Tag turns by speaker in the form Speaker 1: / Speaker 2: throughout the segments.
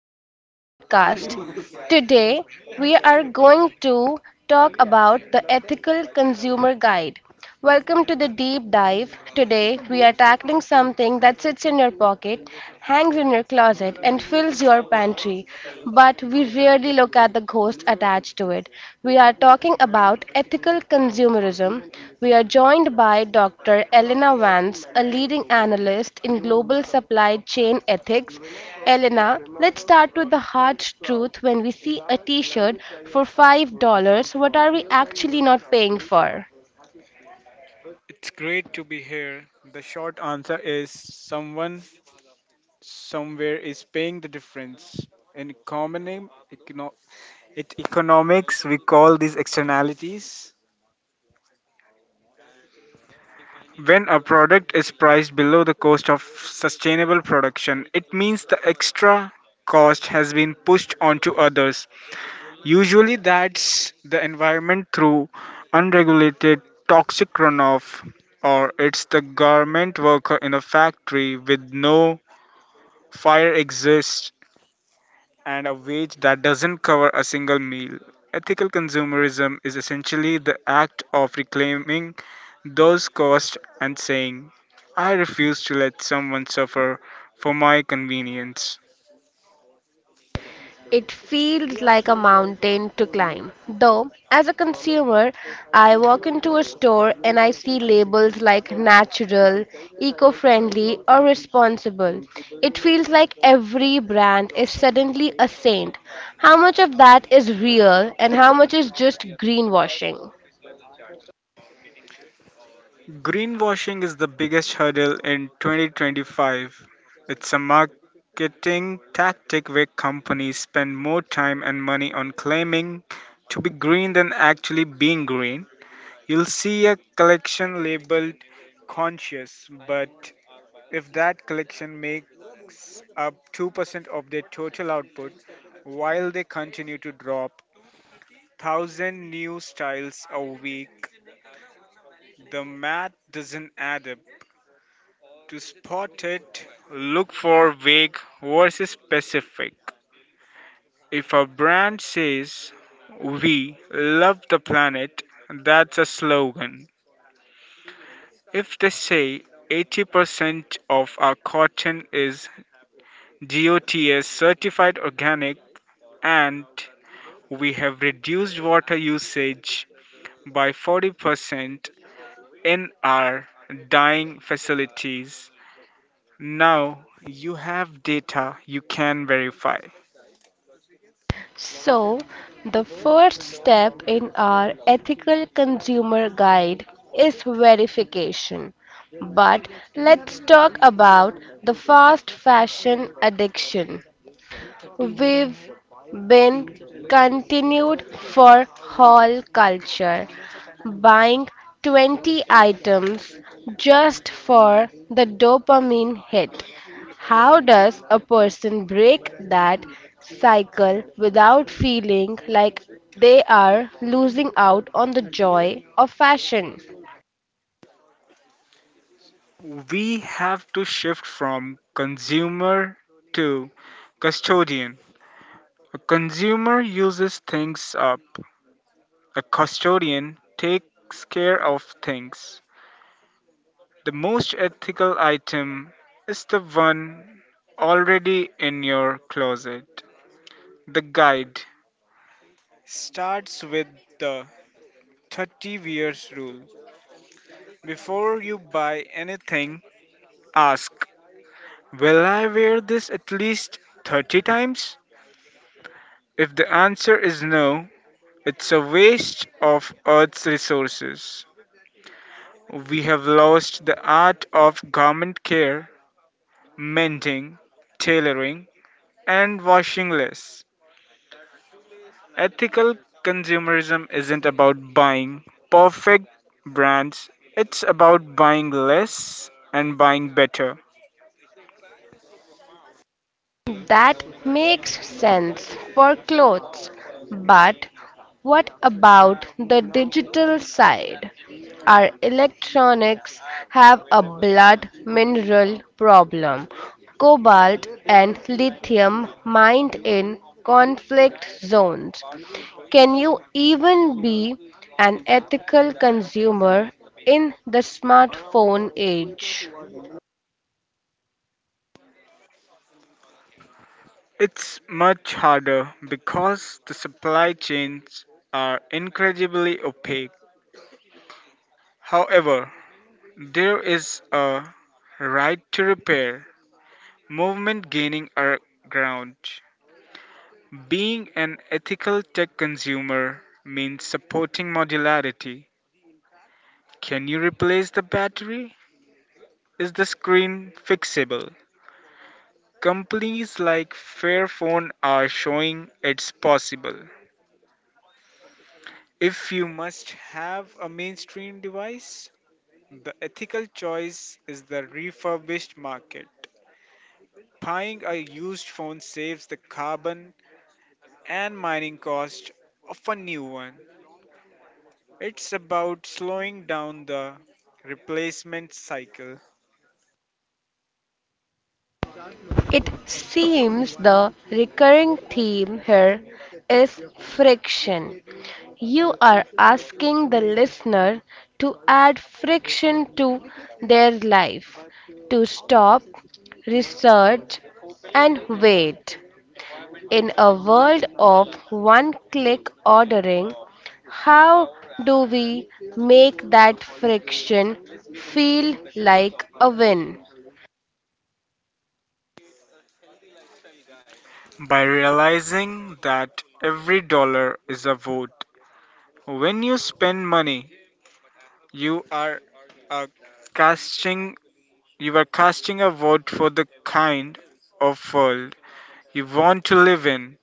Speaker 1: welcome to the podcast. Today, we are going to talk about the Ethical Consumer Guide. Welcome to the deep dive. Today, we are tackling something that sits in your pocket, hangs in your closet, and fills your pantry, but we rarely look at the ghost attached to it. We are talking about ethical consumerism. We are joined by Dr. Elena Vance, a leading analyst in global supply chain ethics. Elena, let's start with the hard truth: when we see a t shirt for $5, what are we actually not paying for?
Speaker 2: It's great to be here. The short answer is someone somewhere is paying the difference. In economy, econo- it economics, we call these externalities. When a product is priced below the cost of sustainable production, it means the extra cost has been pushed onto others. Usually, that's the environment through unregulated toxic runoff, or it's the garment worker in a factory with no Fire exists and a wage that doesn't cover a single meal. Ethical consumerism is essentially the act of reclaiming those costs and saying, I refuse to let someone suffer for my convenience.
Speaker 1: It feels like a mountain to climb. Though, as a consumer, I walk into a store and I see labels like natural, eco friendly, or responsible. It feels like every brand is suddenly a saint. How much of that is real and how much is just greenwashing?
Speaker 2: Greenwashing is the biggest hurdle in 2025. It's a marketing tactic where companies spend more time and money on claiming to be green than actually being green. You'll see a collection labeled conscious, but if that collection makes up 2% of their total output, while they continue to drop 1,000 new styles a week. The math doesn't add up. To spot it, look for vague versus specific. If a brand says, We love the planet, that's a slogan. If they say 80% of our cotton is GOTS certified organic and we have reduced water usage by 40% in our dyeing facilities, now you have data you can verify.
Speaker 1: So, the first step in our ethical consumer guide is verification. But let's talk about the fast fashion addiction. We've been continued for hall culture, buying 20 items just for the dopamine hit. How does a person break that cycle without feeling like they are losing out on the joy of fashion?
Speaker 2: We have to shift from consumer to custodian. A consumer uses things up. A custodian takes care of things. The most ethical item is the one already in your closet. The guide starts with the 30 years rule. Before you buy anything, ask, Will I wear this at least 30 times? If the answer is no, it's a waste of Earth's resources. We have lost the art of garment care, mending, tailoring, and washing less. Ethical consumerism isn't about buying perfect brands, it's about buying less and buying better.
Speaker 1: That makes sense for clothes, but what about the digital side? Our electronics have a blood mineral problem. Cobalt and lithium mined in conflict zones. Can you even be an ethical consumer in the smartphone age?
Speaker 2: It's much harder because the supply chains are incredibly opaque. However, there is a right to repair movement gaining our ground. Being an ethical tech consumer means supporting modularity. Can you replace the battery? Is the screen fixable? Companies like Fairphone are showing it's possible. If you must have a mainstream device, the ethical choice is the refurbished market. Buying a used phone saves the carbon and mining cost of a new one. It's about slowing down the replacement cycle
Speaker 1: It seems the recurring theme here is friction. You are asking the listener to add friction to their life, to stop, research, and wait. In a world of one click ordering, how do we make that friction feel like a win?
Speaker 2: by realizing that every dollar is a vote. When you spend money, you are uh, casting you are casting a vote for the kind of world you want to live in.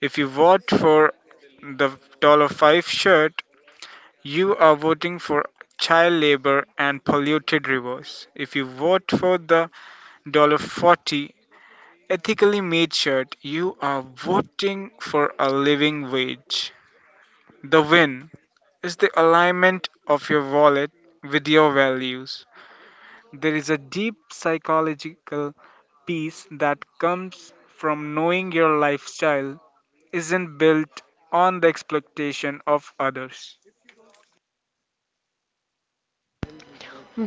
Speaker 2: If you vote for the $5 shirt, you are voting for child labor and polluted rivers. If you vote for the $40 ethically made shirt, you are voting for a living wage. The win is the alignment of your wallet with your values. There is a deep psychological peace that comes from knowing your lifestyle isn't built on the expectation of others.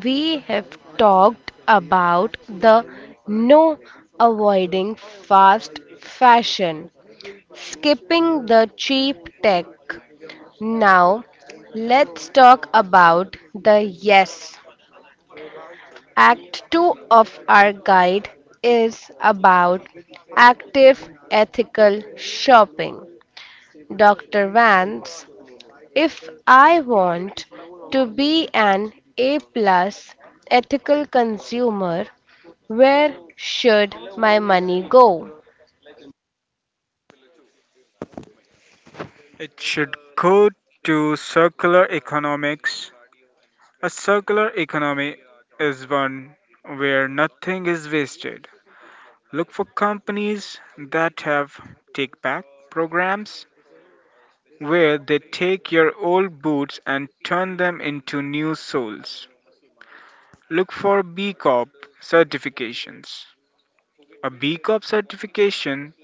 Speaker 1: We have talked about the no: avoiding fast fashion, skipping the cheap tech. Now, let's talk about the yes. Act 2 of our guide is about active ethical shopping. Dr. Vance, if I want to be an A-plus ethical consumer, where should my money go?
Speaker 2: It should go to circular economics. A circular economy is one where nothing is wasted. Look for companies that have take back programs where they take your old boots and turn them into new soles. Look for B Corp certifications. A B Corp certification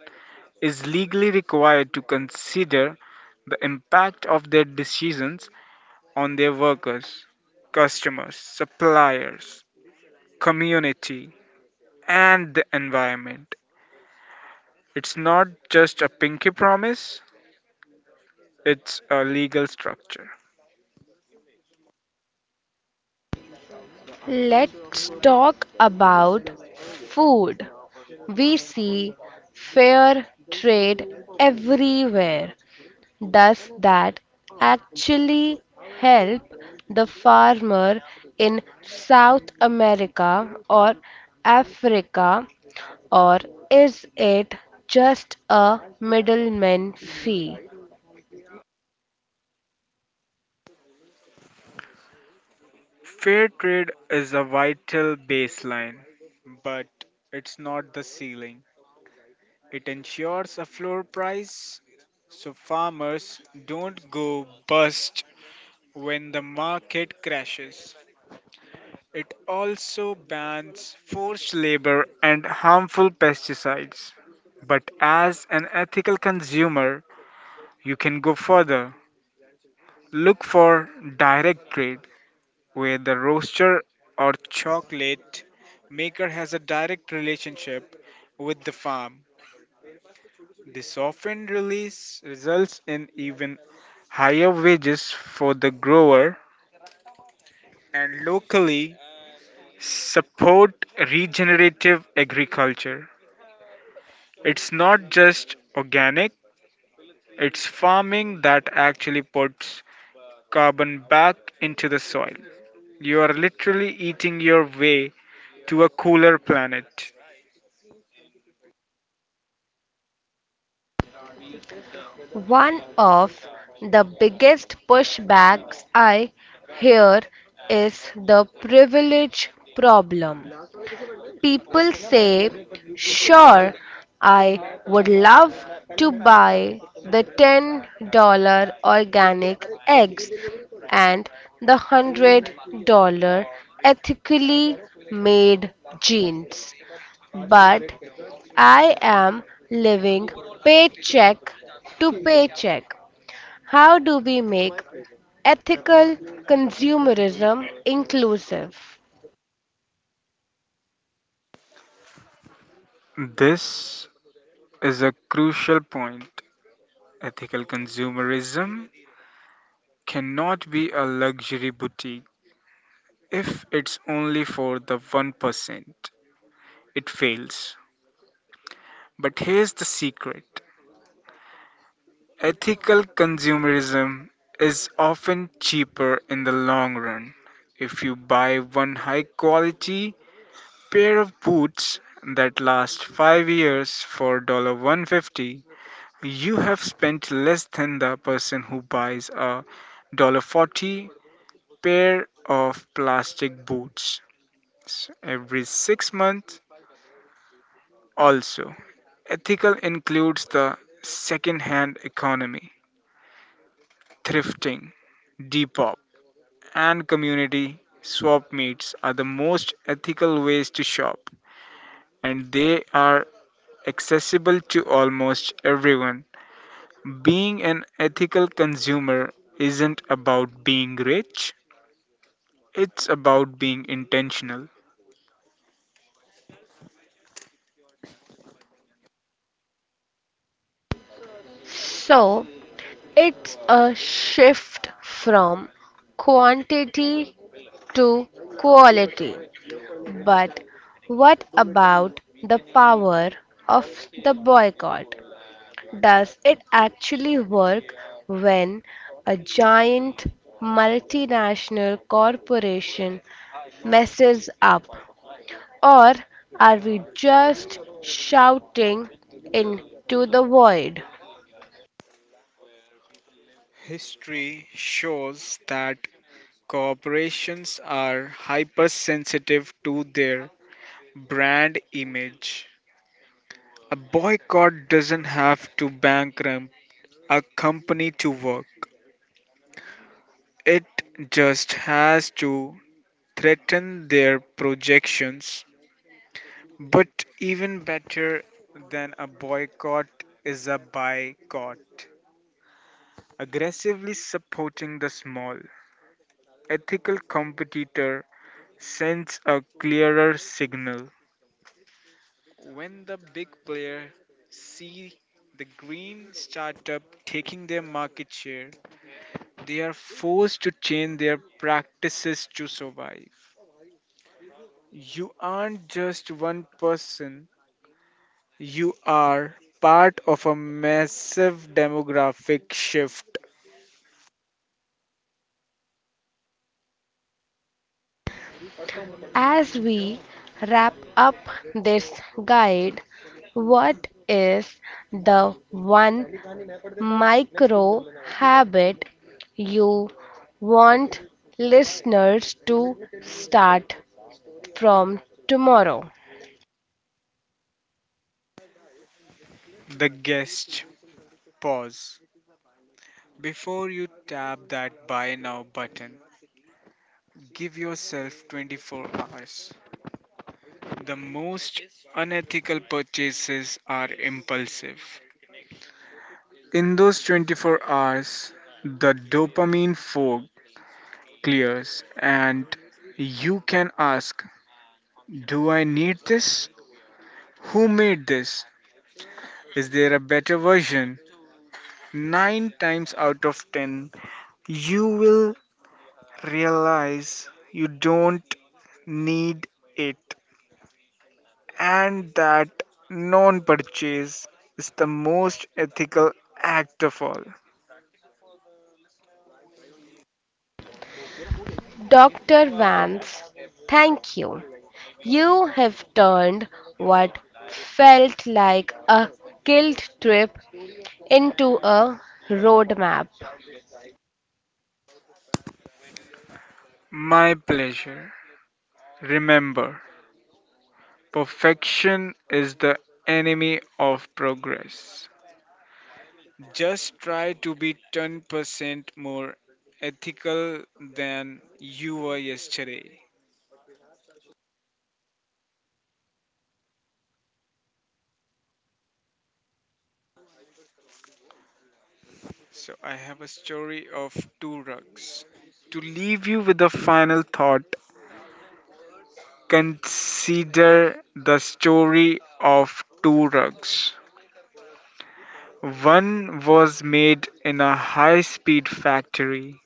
Speaker 2: is legally required to consider the impact of their decisions on their workers, customers, suppliers, community, and the environment. It's not just a pinky promise, it's a legal structure.
Speaker 1: Let's talk about food. We see fair trade everywhere. Does that actually help the farmer in South America or Africa, or is it just a middleman fee?
Speaker 2: Fair trade is a vital baseline, but it's not the ceiling. It ensures a floor price so farmers don't go bust when the market crashes. It also bans forced labor and harmful pesticides. But as an ethical consumer, you can go further. Look for direct trade where the roaster or chocolate maker has a direct relationship with the farm. This often release results in even higher wages for the grower and locally support regenerative agriculture. It's not just organic, it's farming that actually puts carbon back into the soil. You are literally eating your way to a cooler planet.
Speaker 1: One of the biggest pushbacks I hear is the privilege problem. People say, "Sure, I would love to buy the $10 organic eggs and the $100 ethically made jeans, but I am living paycheck to paycheck." How do we make ethical consumerism inclusive?
Speaker 2: This is a crucial point. Ethical consumerism cannot be a luxury boutique if it's only for the 1%. It fails. But here's the secret: ethical consumerism is often cheaper in the long run. If you buy one high quality pair of boots that last 5 years for one dollar one fifty, you have spent less than the person who buys a $40 pair of plastic boots every 6 months. Also, ethical includes the second hand economy. Thrifting, depop, and community swap meets are the most ethical ways to shop, and they are accessible to almost everyone. Being an ethical consumer isn't about being rich, it's about being intentional.
Speaker 1: So, it's a shift from quantity to quality. But what about the power of the boycott? Does it actually work when a giant multinational corporation messes up? Or are we just shouting into the void?
Speaker 2: History shows that corporations are hypersensitive to their brand image. A boycott doesn't have to bankrupt a company to work, it just has to threaten their projections. But even better than a boycott is a boycott, aggressively supporting the small ethical competitor sends a clearer signal. When the big player see the green startup taking their market share, they are forced to change their practices to survive. You aren't just one person, you are part of a massive demographic shift.
Speaker 1: As we wrap up this guide, what is the one micro habit you want listeners to start from tomorrow?
Speaker 2: The guest, pause before you tap that buy now button. Give yourself 24 hours. The most unethical purchases are impulsive. In those 24 hours, the dopamine fog clears and you can ask, Do I need this? Who made this? Is there a better version? Nine times out of ten, you will realize you don't need it, and that non purchase is the most ethical act of all.
Speaker 1: Dr. Vance, thank you. You have turned what felt like a guilt trip into a roadmap.
Speaker 2: My pleasure. Remember, perfection is the enemy of progress. Just try to be 10% more ethical than you were yesterday. So, I have a story of two rugs. To leave you with a final thought, consider the story of two rugs. One was made in a high speed factory.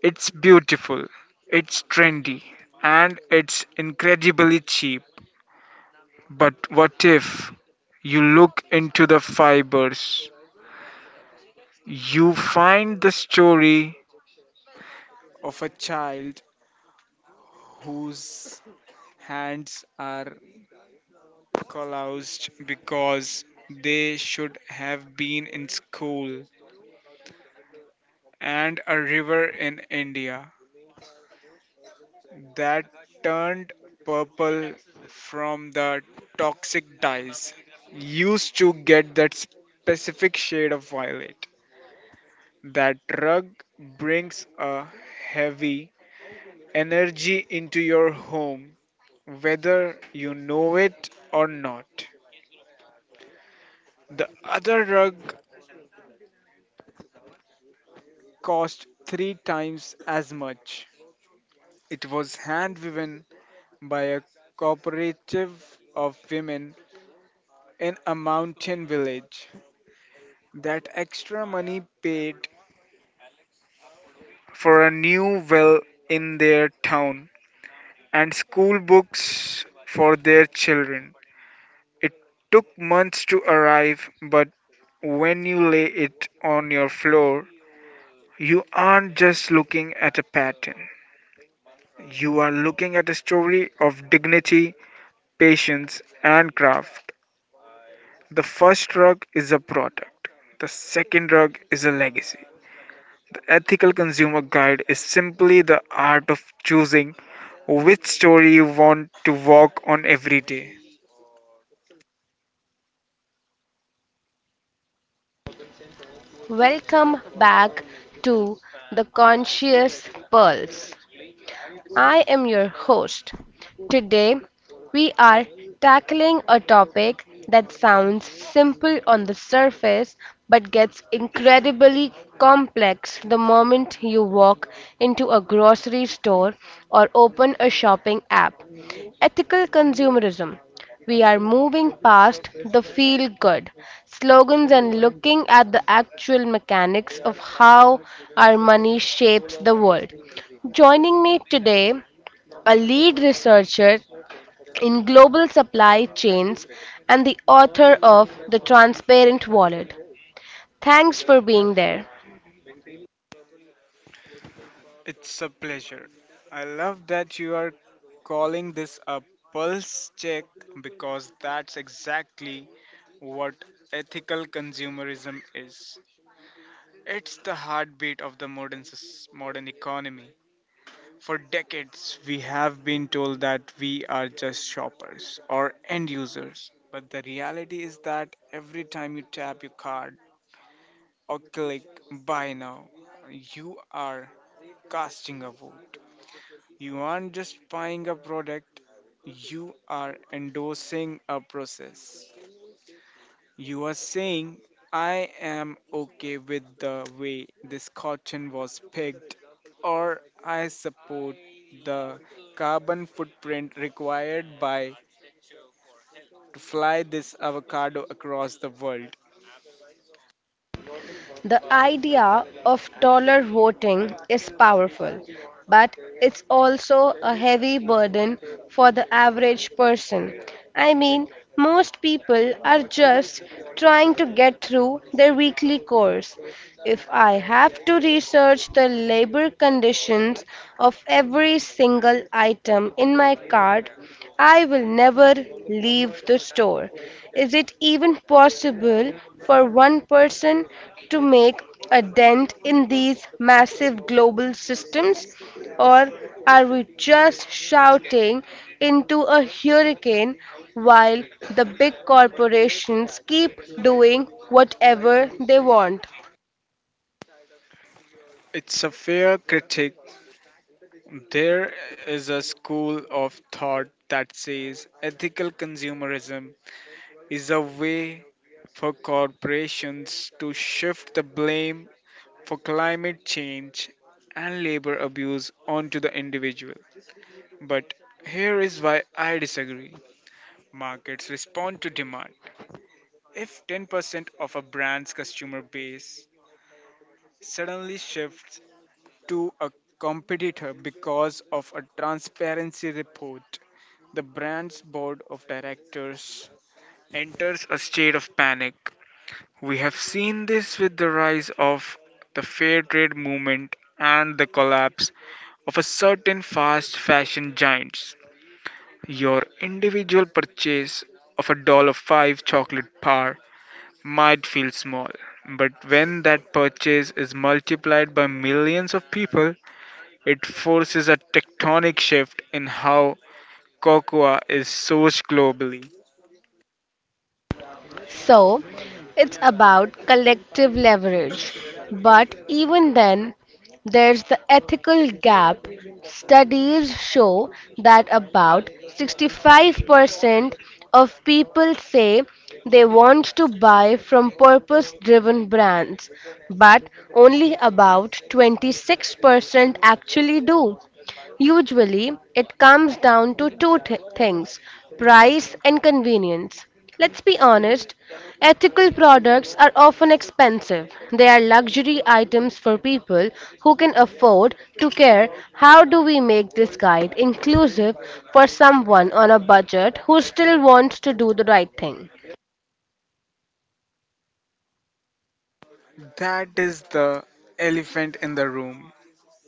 Speaker 2: It's beautiful, it's trendy, and it's incredibly cheap. But what if you look into the fibers? You find the story of a child whose hands are calloused because they should have been in school, and a river in India that turned purple from the toxic dyes used to get that specific shade of violet. That rug brings a heavy energy into your home, whether you know it or not. The other rug cost three times as much. It was hand woven by a cooperative of women in a mountain village. That extra money paid for a new well in their town and school books for their children. It took months to arrive, but when you lay it on your floor, you aren't just looking at a pattern. You are looking at a story of dignity, patience, and craft. The first rug is a product, the second rug is a legacy. The Ethical Consumer Guide is simply the art of choosing which story you want to walk on every day.
Speaker 1: Welcome back to the Conscious Pulse. I am your host. Today, we are tackling a topic that sounds simple on the surface but gets incredibly complex the moment you walk into a grocery store or open a shopping app: ethical consumerism. We are moving past the feel good slogans and looking at the actual mechanics of how our money shapes the world. Joining me today, a lead researcher in global supply chains and the author of The Transparent Wallet. Thanks for being there.
Speaker 2: It's a pleasure. I love that you are calling this a pulse check because that's exactly what ethical consumerism is. It's the heartbeat of the modern economy. For decades, we have been told that we are just shoppers or end users. But the reality is that every time you tap your card or click buy now, you are casting a vote. You aren't just buying a product, you are endorsing a process. You are saying, I am okay with the way this cotton was picked, or I support the carbon footprint required by to fly this avocado across the world.
Speaker 1: The idea of dollar voting is powerful, but it's also a heavy burden for the average person. I mean, most people are just trying to get through their weekly course. If I have to research the labor conditions of every single item in my cart, I will never leave the store. Is it even possible for one person to make a dent in these massive global systems? Or are we just shouting into a hurricane while the big corporations keep doing whatever they want?
Speaker 2: It's a fair critique. There is a school of thought that says ethical consumerism is a way for corporations to shift the blame for climate change and labor abuse onto the individual. But here is why I disagree. Markets respond to demand. If 10% of a brand's customer base suddenly shifts to a competitor because of a transparency report, the brand's board of directors enters a state of panic. We have seen this with the rise of the fair trade movement and the collapse of a certain fast fashion giants. Your individual purchase of a $5 chocolate bar might feel small, but when that purchase is multiplied by millions of people, it forces a tectonic shift in how cocoa is sourced globally.
Speaker 1: So it's about collective leverage. But even then, there's the ethical gap. Studies show that about 65% of people say they want to buy from purpose driven brands, but only about 26% actually do. Usually, it comes down to two things: price and convenience. Let's be honest, ethical products are often expensive. They are luxury items for people who can afford to care. How do we make this guide inclusive for someone on a budget who still wants to do the right thing?
Speaker 2: That is the elephant in the room.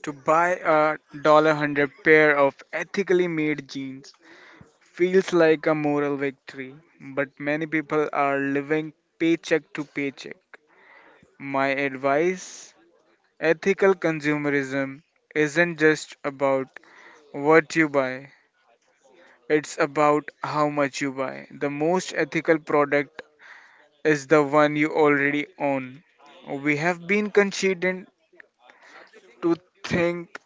Speaker 2: To buy a $100 pair of ethically made jeans feels like a moral victory, but many people are living paycheck to paycheck. My advice: ethical consumerism isn't just about what you buy, it's about how much you buy. The most ethical product is the one you already own. We have been conditioned to think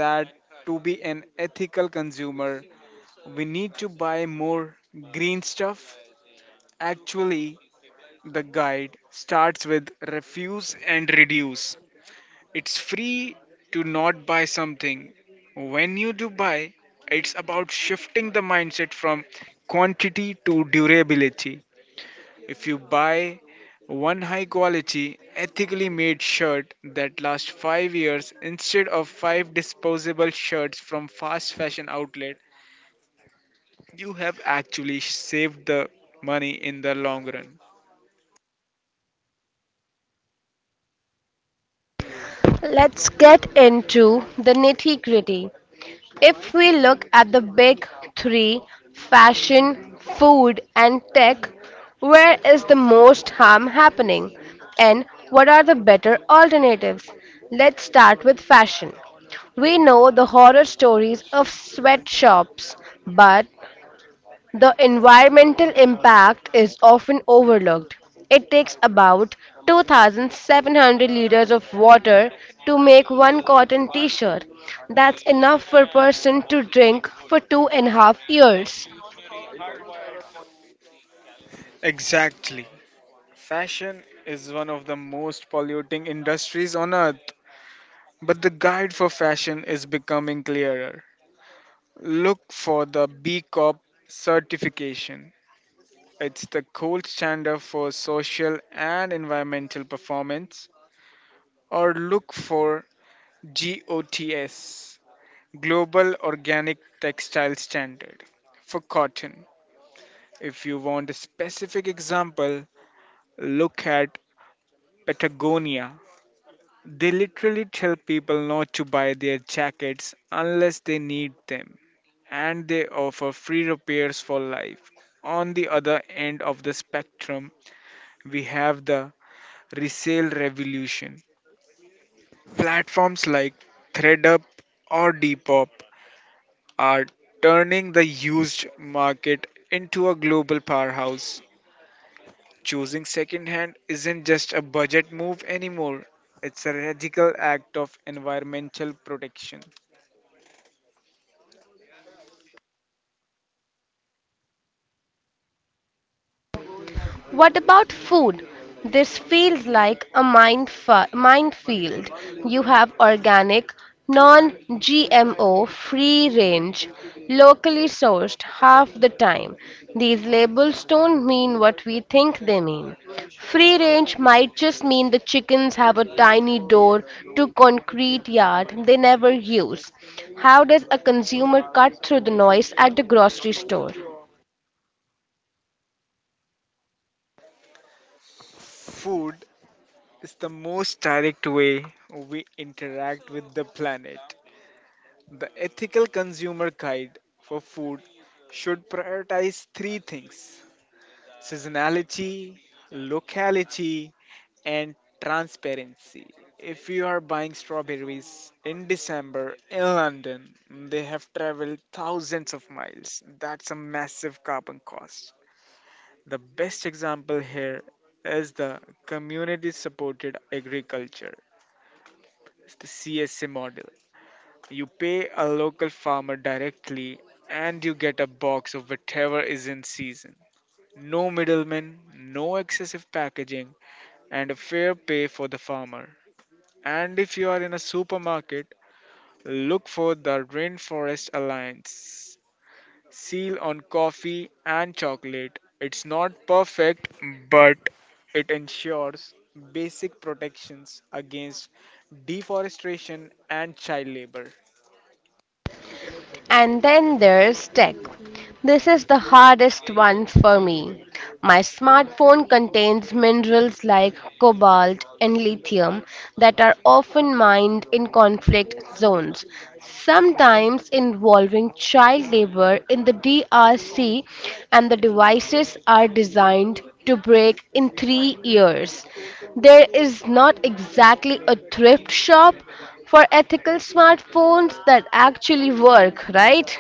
Speaker 2: that to be an ethical consumer, we need to buy more green stuff. Actually, the guide starts with refuse and reduce. It's free to not buy something. When you do buy, it's about shifting the mindset from quantity to durability. If you buy one high quality, ethically made shirt that lasts 5 years instead of 5 disposable shirts from fast fashion outlet, you have actually saved the money in the long run.
Speaker 1: Let's get into the nitty gritty. If we look at the big three, fashion, food, and tech, where is the most harm happening? And what are the better alternatives? Let's start with fashion. We know the horror stories of sweatshops, but the environmental impact is often overlooked. It takes about 2,700 liters of water to make one cotton t shirt. That's enough for a person to drink for 2.5 years.
Speaker 2: Exactly. Fashion is one of the most polluting industries on earth, but the guide for fashion is becoming clearer. Look for the B Corp certification. It's the gold standard for social and environmental performance, or look for GOTS, Global Organic Textile Standard, for cotton. If you want a specific example, look at Patagonia. They literally tell people not to buy their jackets unless they need them, and they offer free repairs for life. On the other end of the spectrum, we have the resale revolution. Platforms like ThreadUp or Depop are turning the used market into a global powerhouse. Choosing secondhand isn't just a budget move anymore, it's a radical act of environmental protection.
Speaker 1: What about food? This feels like a minefield. You have organic, non GMO, free range, locally sourced half the time. These labels don't mean what we think they mean. Free range might just mean the chickens have a tiny door to concrete yard they never use. How does a consumer cut through the noise at the grocery store?
Speaker 2: Food. It's the most direct way we interact with the planet. The ethical consumer guide for food should prioritize three things: seasonality, locality, and transparency. If you are buying strawberries in December in London, they have traveled thousands of miles. That's a massive carbon cost. The best example here is the community supported agriculture. It's the CSA model. You pay a local farmer directly and you get a box of whatever is in season. No middlemen, no excessive packaging, and a fair pay for the farmer. And if you are in a supermarket, look for the Rainforest Alliance seal on coffee and chocolate. It's not perfect, but it ensures basic protections against deforestation and child labor.
Speaker 1: And then there's tech. This is the hardest one for me. My smartphone contains minerals like cobalt and lithium that are often mined in conflict zones, sometimes involving child labor in the DRC, and the devices are designed to break in 3 years. There is not exactly a thrift shop for ethical smartphones that actually work, right?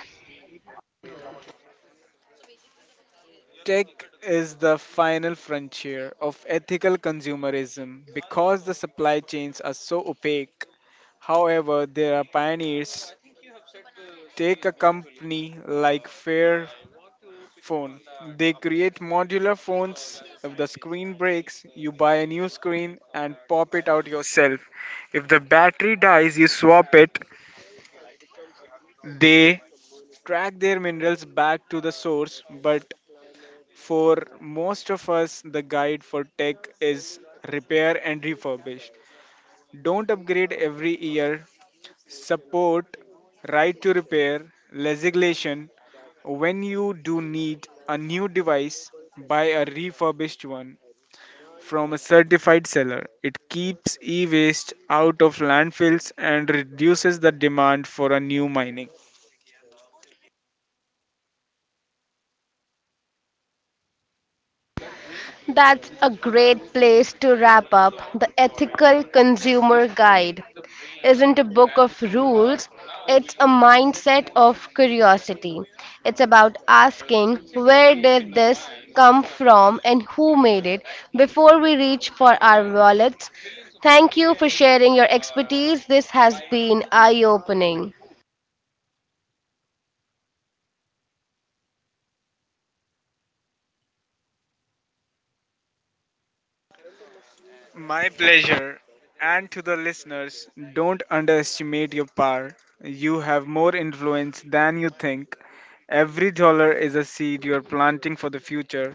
Speaker 2: Tech is the final frontier of ethical consumerism because the supply chains are so opaque. However, there are pioneers. Take a company like Fairphone. They create modular phones. If the screen breaks, you buy a new screen and pop it out yourself. If the battery dies, you swap it. They track their minerals back to the source, but for most of us, the guide for tech is repair and refurbish. Don't upgrade every year. Support right to repair legislation. When you do need a new device, buy a refurbished one from a certified seller. It keeps e waste out of landfills and reduces the demand for a new mining.
Speaker 1: That's a great place to wrap up. The Ethical Consumer Guide isn't a book of rules, it's a mindset of curiosity. It's about asking where did this come from and who made it before we reach for our wallets. Thank you for sharing your expertise. This has been eye opening.
Speaker 2: My pleasure. And to the listeners, don't underestimate your power. You have more influence than you think. Every dollar is a seed you're planting for the future.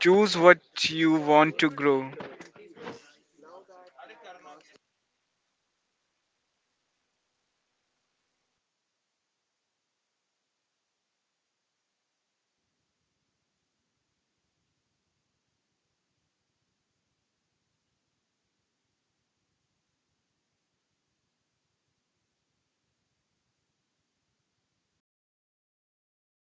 Speaker 2: Choose what you want to grow.